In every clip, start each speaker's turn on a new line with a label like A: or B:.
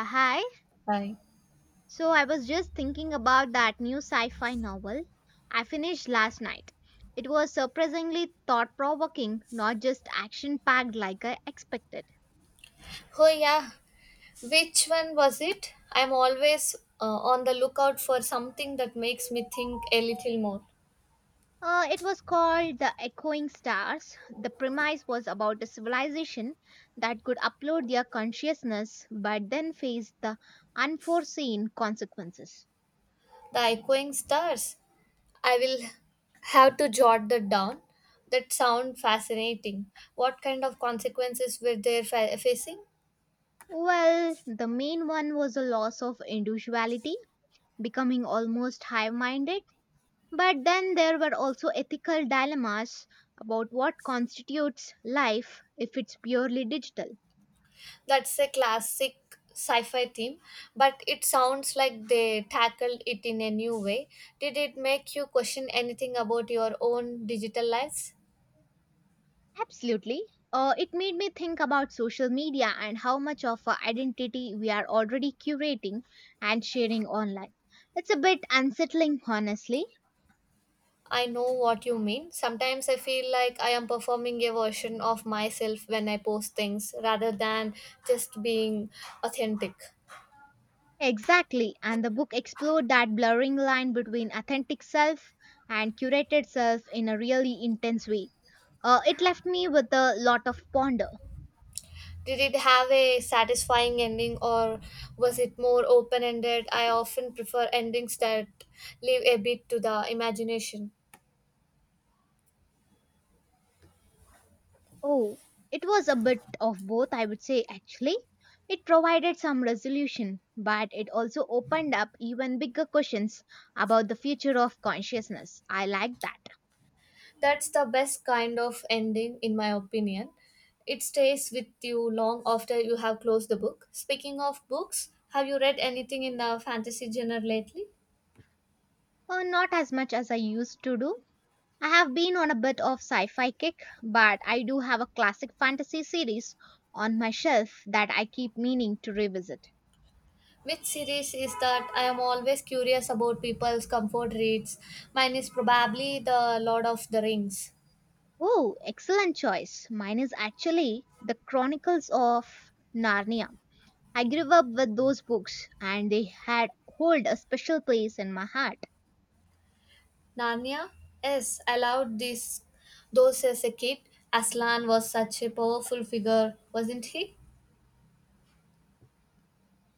A: Hi.
B: Bye.
A: So I was just thinking about that new sci fi novel I finished last night. It was surprisingly thought provoking, not just action packed like I expected.
B: Oh yeah, which one was it? I'm always on the lookout for something that makes me think a little more.
A: It was called The Echoing Stars. The premise was about a civilization that could upload their consciousness but then faced the unforeseen consequences.
B: The echoing stars. I will have to jot that down. That sound fascinating. What kind of consequences were they facing?
A: Well, the main one was a loss of individuality, becoming almost high minded. But then there were also ethical dilemmas about what constitutes life if it's purely digital.
B: That's a classic sci-fi theme, but it sounds like they tackled it in a new way. Did it make you question anything about your own digital lives?
A: Absolutely. It made me think about social media and how much of our identity we are already curating and sharing online. It's a bit unsettling, honestly.
B: I know what you mean. Sometimes I feel like I am performing a version of myself when I post things rather than just being authentic.
A: Exactly, and the book explored that blurring line between authentic self and curated self in a really intense way. It left me with a lot of ponder.
B: Did it have a satisfying ending or was it more open ended? I often prefer endings that leave a bit to the imagination.
A: Oh, it was a bit of both, I would say, actually. It provided some resolution, but it also opened up even bigger questions about the future of consciousness. I like that.
B: That's the best kind of ending, in my opinion. It stays with you long after you have closed the book. Speaking of books, have you read anything in the fantasy genre lately?
A: Not as much as I used to do. I have been on a bit of sci fi kick, but I do have a classic fantasy series on my shelf that I keep meaning to revisit.
B: Which series is that? I am always curious about people's comfort reads. Mine is probably The Lord of the Rings.
A: Oh, excellent choice. Mine is actually The Chronicles of Narnia. I grew up with those books and they had hold a special place in my heart.
B: Narnia? Yes, I loved this. Those as a kid, Aslan was such a powerful figure, wasn't he?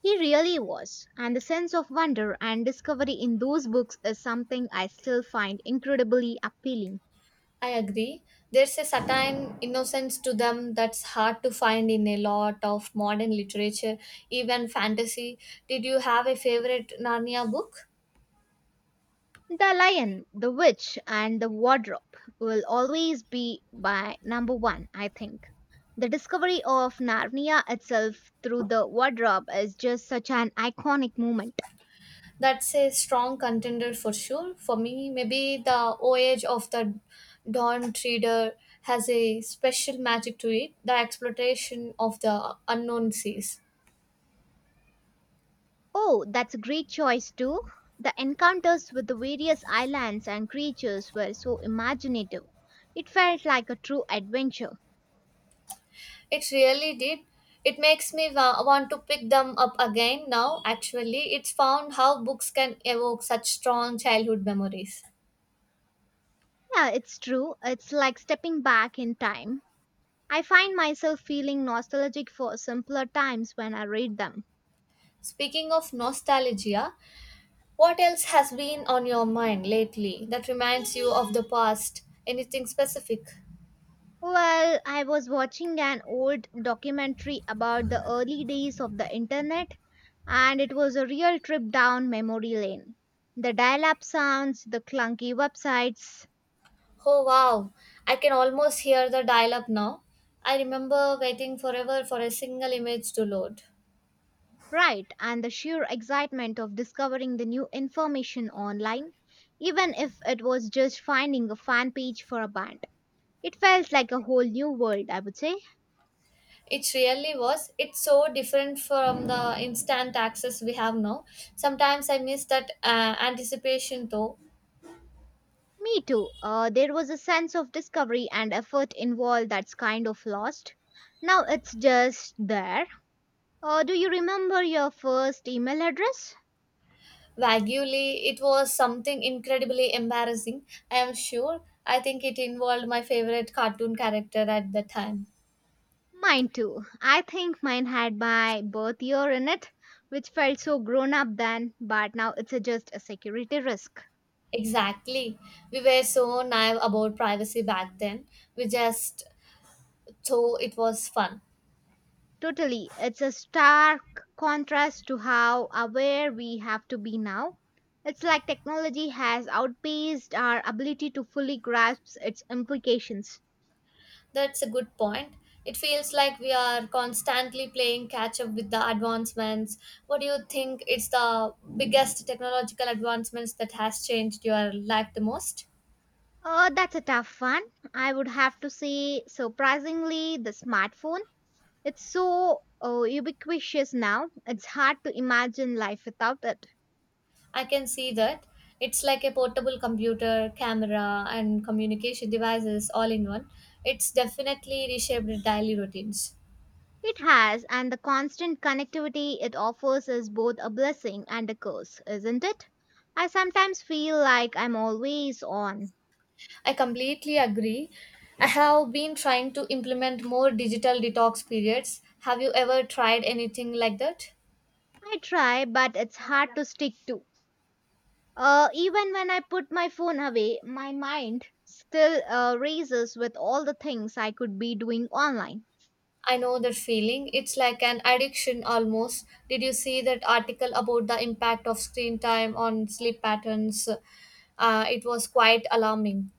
A: He really was, and the sense of wonder and discovery in those books is something I still find incredibly appealing.
B: I agree. There's a certain innocence to them that's hard to find in a lot of modern literature, even fantasy. Did you have a favorite Narnia book?
A: The Lion, the Witch, and the Wardrobe will always be my number one, I think. The discovery of Narnia itself through the wardrobe is just such an iconic moment.
B: That's a strong contender for sure. For me, maybe the voyage of the Dawn Treader has a special magic to it, the exploration of the unknown seas.
A: Oh, that's a great choice too. The encounters with the various islands and creatures were so imaginative. It felt like a true adventure.
B: It really did. It makes me want to pick them up again now. Actually, it's found how books can evoke such strong childhood memories.
A: Yeah, it's true. It's like stepping back in time. I find myself feeling nostalgic for simpler times when I read them.
B: Speaking of nostalgia, what else has been on your mind lately that reminds you of the past? Anything specific?
A: Well, I was watching an old documentary about the early days of the internet, and it was a real trip down memory lane. The dial up sounds, the clunky websites.
B: Oh wow, I can almost hear the dial up now. I remember waiting forever for a single image to load.
A: Right, and the sheer excitement of discovering the new information online, even if it was just finding a fan page for a band. It felt like a whole new world, I would say.
B: It really was. It's so different from the instant access we have now. Sometimes I miss that anticipation though.
A: Me too. There was a sense of discovery and effort involved that's kind of lost. Now it's just there. Do you remember your first email address?
B: Vaguely, it was something incredibly embarrassing, I am sure. I think it involved my favorite cartoon character at the time.
A: Mine too. I think mine had my birth year in it, which felt so grown up then, but now it's a, just a security risk.
B: Exactly. We were so naive about privacy back then. We just thought it was fun.
A: Totally. It's a stark contrast to how aware we have to be now. It's like technology has outpaced our ability to fully grasp its implications.
B: That's a good point. It feels like we are constantly playing catch up with the advancements. What do you think? It's the biggest technological advancements that has changed your life the most?
A: Oh, that's a tough one. I would have to say, surprisingly, the smartphone. It's so ubiquitous now, it's hard to imagine life without it.
B: I can see that. It's like a portable computer, camera, and communication devices all in one. It's definitely reshaped daily routines.
A: It has, and the constant connectivity it offers is both a blessing and a curse, isn't it? I sometimes feel like I'm always on.
B: I completely agree. I have been trying to implement more digital detox periods. Have you ever tried anything like that?
A: I try, but it's hard to stick to. Even when I put my phone away, my mind still races with all the things I could be doing online.
B: I know that feeling. It's like an addiction almost. Did you see that article about the impact of screen time on sleep patterns? It was quite alarming.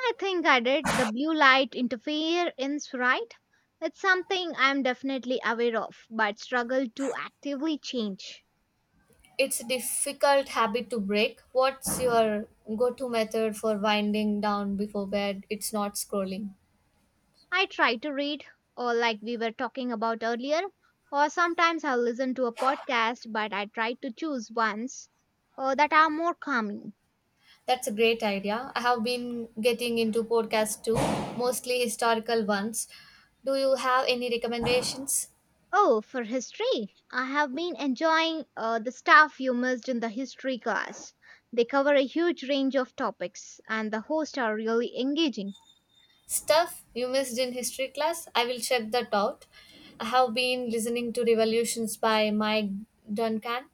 A: I think I did the blue light interference right. It's something I'm definitely aware of, but struggle to actively change.
B: It's a difficult habit to break. What's your go to method for winding down before bed? It's not scrolling.
A: I try to read, or like we were talking about earlier, or sometimes I'll listen to a podcast, but I try to choose ones that are more calming.
B: That's a great idea. I have been getting into podcasts too, mostly historical ones. Do you have any recommendations?
A: Oh, for history, I have been enjoying the stuff you missed in the history class. They cover a huge range of topics, and the hosts are really engaging.
B: Stuff you missed in history class? I will check that out. I have been listening to Revolutions by Mike Duncan.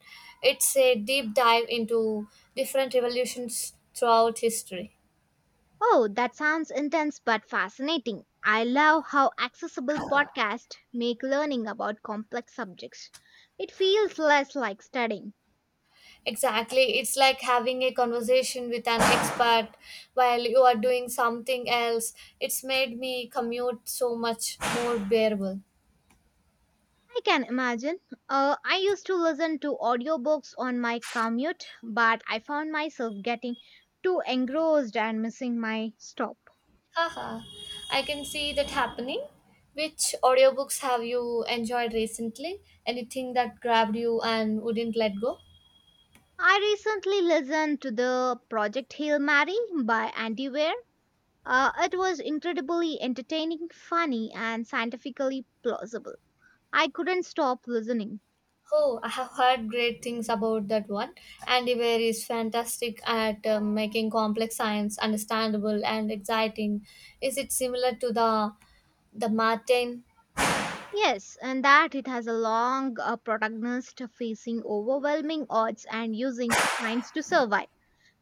B: It's a deep dive into different revolutions throughout history.
A: Oh, that sounds intense but fascinating. I love how accessible podcasts make learning about complex subjects. It feels less like studying.
B: Exactly. It's like having a conversation with an expert while you are doing something else. It's made me commute so much more bearable.
A: I can imagine. I used to listen to audiobooks on my commute, but I found myself getting too engrossed and missing my stop.
B: Haha, I can see that happening. Which audiobooks have you enjoyed recently? Anything that grabbed you and wouldn't let go?
A: I recently listened to the Project Hail Mary by Andy Weir. It was incredibly entertaining, funny, and scientifically plausible. I couldn't stop listening.
B: Oh, I have heard great things about that one. Andy Weir is fantastic at making complex science understandable and exciting. Is it similar to the Martin?
A: Yes, and that it has a long protagonist facing overwhelming odds and using science to survive.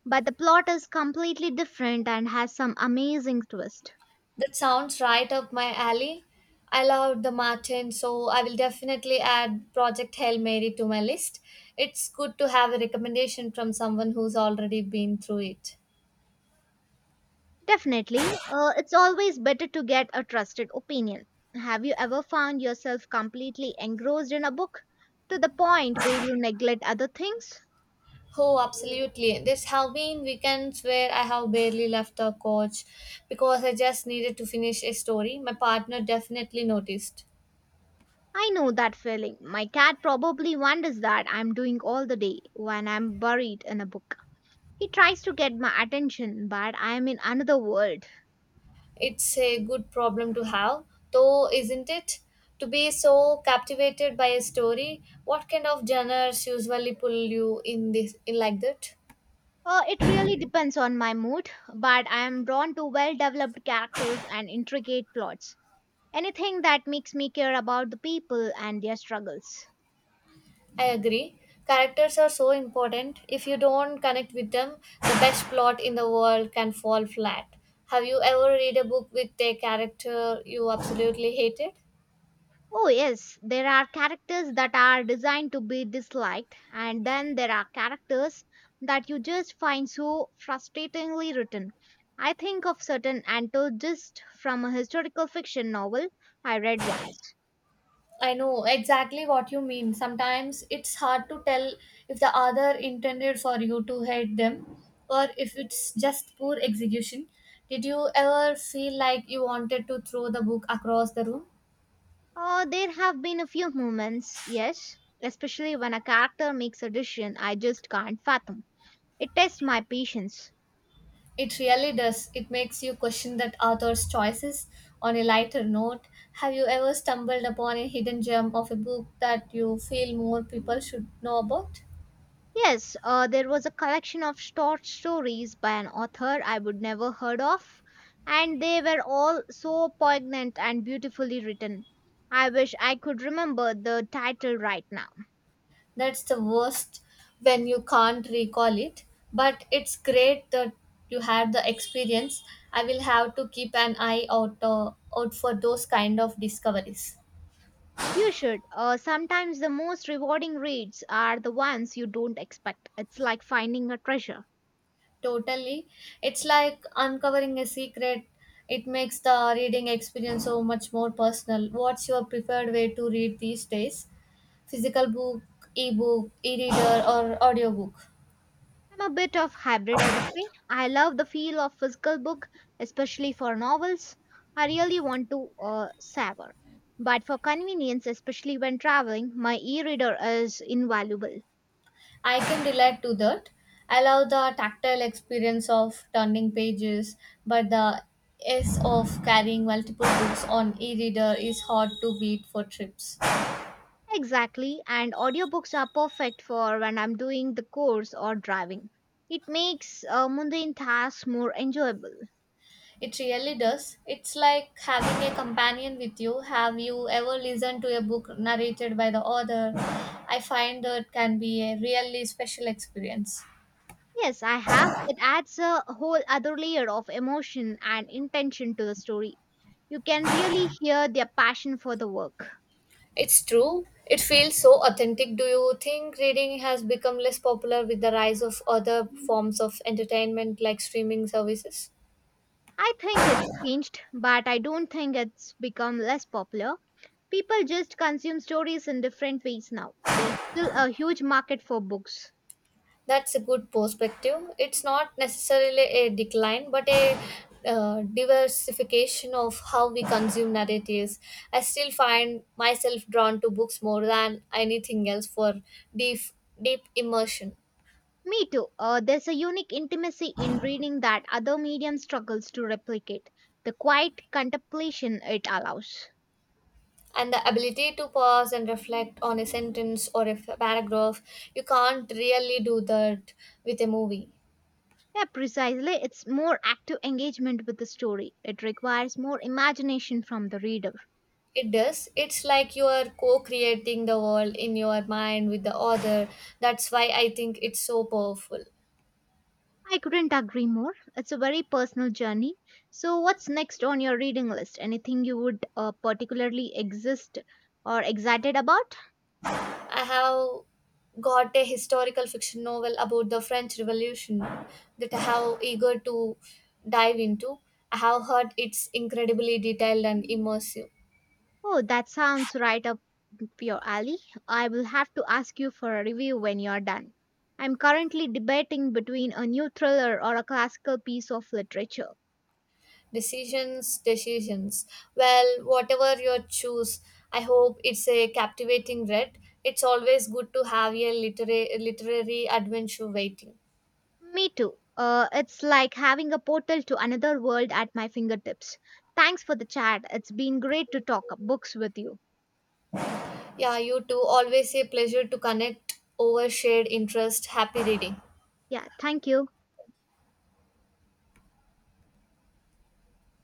A: But the plot is completely different and has some amazing twist.
B: That sounds right up my alley. I love the Martin, so I will definitely add Project Hail Mary to my list. It's good to have a recommendation from someone who's already been through it.
A: Definitely, it's always better to get a trusted opinion. Have you ever found yourself completely engrossed in a book to the point where you neglect other things?
B: Oh, absolutely. There's have been weekends where I have barely left the couch because I just needed to finish a story. My partner definitely noticed.
A: I know that feeling. My cat probably wonders that I'm doing all the day when I'm buried in a book. He tries to get my attention, but I am in another world.
B: It's a good problem to have, though, isn't it? To be so captivated by a story, what kind of genres usually pull you in this in like that?
A: It really depends on my mood, but I am drawn to well developed characters and intricate plots. Anything that makes me care about the people and their struggles.
B: I agree. Characters are so important. If you don't connect with them, the best plot in the world can fall flat. Have you ever read a book with a character you absolutely hated?
A: Oh, yes, there are characters that are designed to be disliked, and then there are characters that you just find so frustratingly written. I think of certain antagonists from a historical fiction novel I read once.
B: I know exactly what you mean. Sometimes it's hard to tell if the other intended for you to hate them or if it's just poor execution. Did you ever feel like you wanted to throw the book across the room?
A: Oh, there have been a few moments, yes, especially when a character makes a decision I just can't fathom. It tests my patience.
B: It really does. It makes you question that author's choices. On a lighter note, have you ever stumbled upon a hidden gem of a book that you feel more people should know about?
A: Yes, there was a collection of short stories by an author I would never heard of, and they were all so poignant and beautifully written. I wish I could remember the title right now.
B: That's the worst when you can't recall it. But it's great that you had the experience. I will have to keep an eye out, out for those kind of discoveries.
A: You should. Sometimes the most rewarding reads are the ones you don't expect. It's like finding a treasure.
B: Totally. It's like uncovering a secret. It makes the reading experience so much more personal. What's your preferred way to read these days? Physical book, ebook, e reader, or audiobook?
A: I'm a bit of hybrid, I would say. I love the feel of physical book, especially for novels. I really want to savor. But for convenience, especially when traveling, my e-reader is invaluable.
B: I can relate to that. I love the tactile experience of turning pages, but the S of carrying multiple books on e-reader is hard to beat for trips.
A: Exactly, and audiobooks are perfect for when I'm doing the course or driving. It makes mundane tasks more enjoyable.
B: It really does. It's like having a companion with you. Have you ever listened to a book narrated by the author? I find that can be a really special experience.
A: Yes, I have. It adds a whole other layer of emotion and intention to the story. You can really hear their passion for the work.
B: It's true. It feels so authentic. Do you think reading has become less popular with the rise of other forms of entertainment like streaming services?
A: I think it's changed, but I don't think it's become less popular. People just consume stories in different ways now. There's still a huge market for books.
B: That's a good perspective. It's not necessarily a decline, but a diversification of how we consume narratives. I still find myself drawn to books more than anything else for deep, deep immersion.
A: Me too. There's a unique intimacy in reading that other medium struggles to replicate. The quiet contemplation it allows.
B: And the ability to pause and reflect on a sentence or a paragraph. You can't really do that with a movie.
A: Yeah, precisely. It's more active engagement with the story. It requires more imagination from the reader.
B: It does. It's like you are co-creating the world in your mind with the author. That's why I think it's so powerful.
A: I couldn't agree more. It's a very personal journey. So, what's next on your reading list? Anything you would particularly exist or excited about?
B: I have got a historical fiction novel about the french revolution that I have eager to dive into. I have heard it's incredibly detailed and immersive.
A: Oh, that sounds right up your alley. I will have to ask you for a review when you're done. I'm currently debating between a new thriller or a classical piece of literature.
B: Decisions, decisions. Well, whatever you choose, I hope it's a captivating read. It's always good to have a literary adventure waiting.
A: Me too. It's like having a portal to another world at my fingertips. Thanks for the chat. It's been great to talk books with you.
B: Yeah, you too. Always a pleasure to connect over shared interest. Happy reading.
A: Yeah, thank you.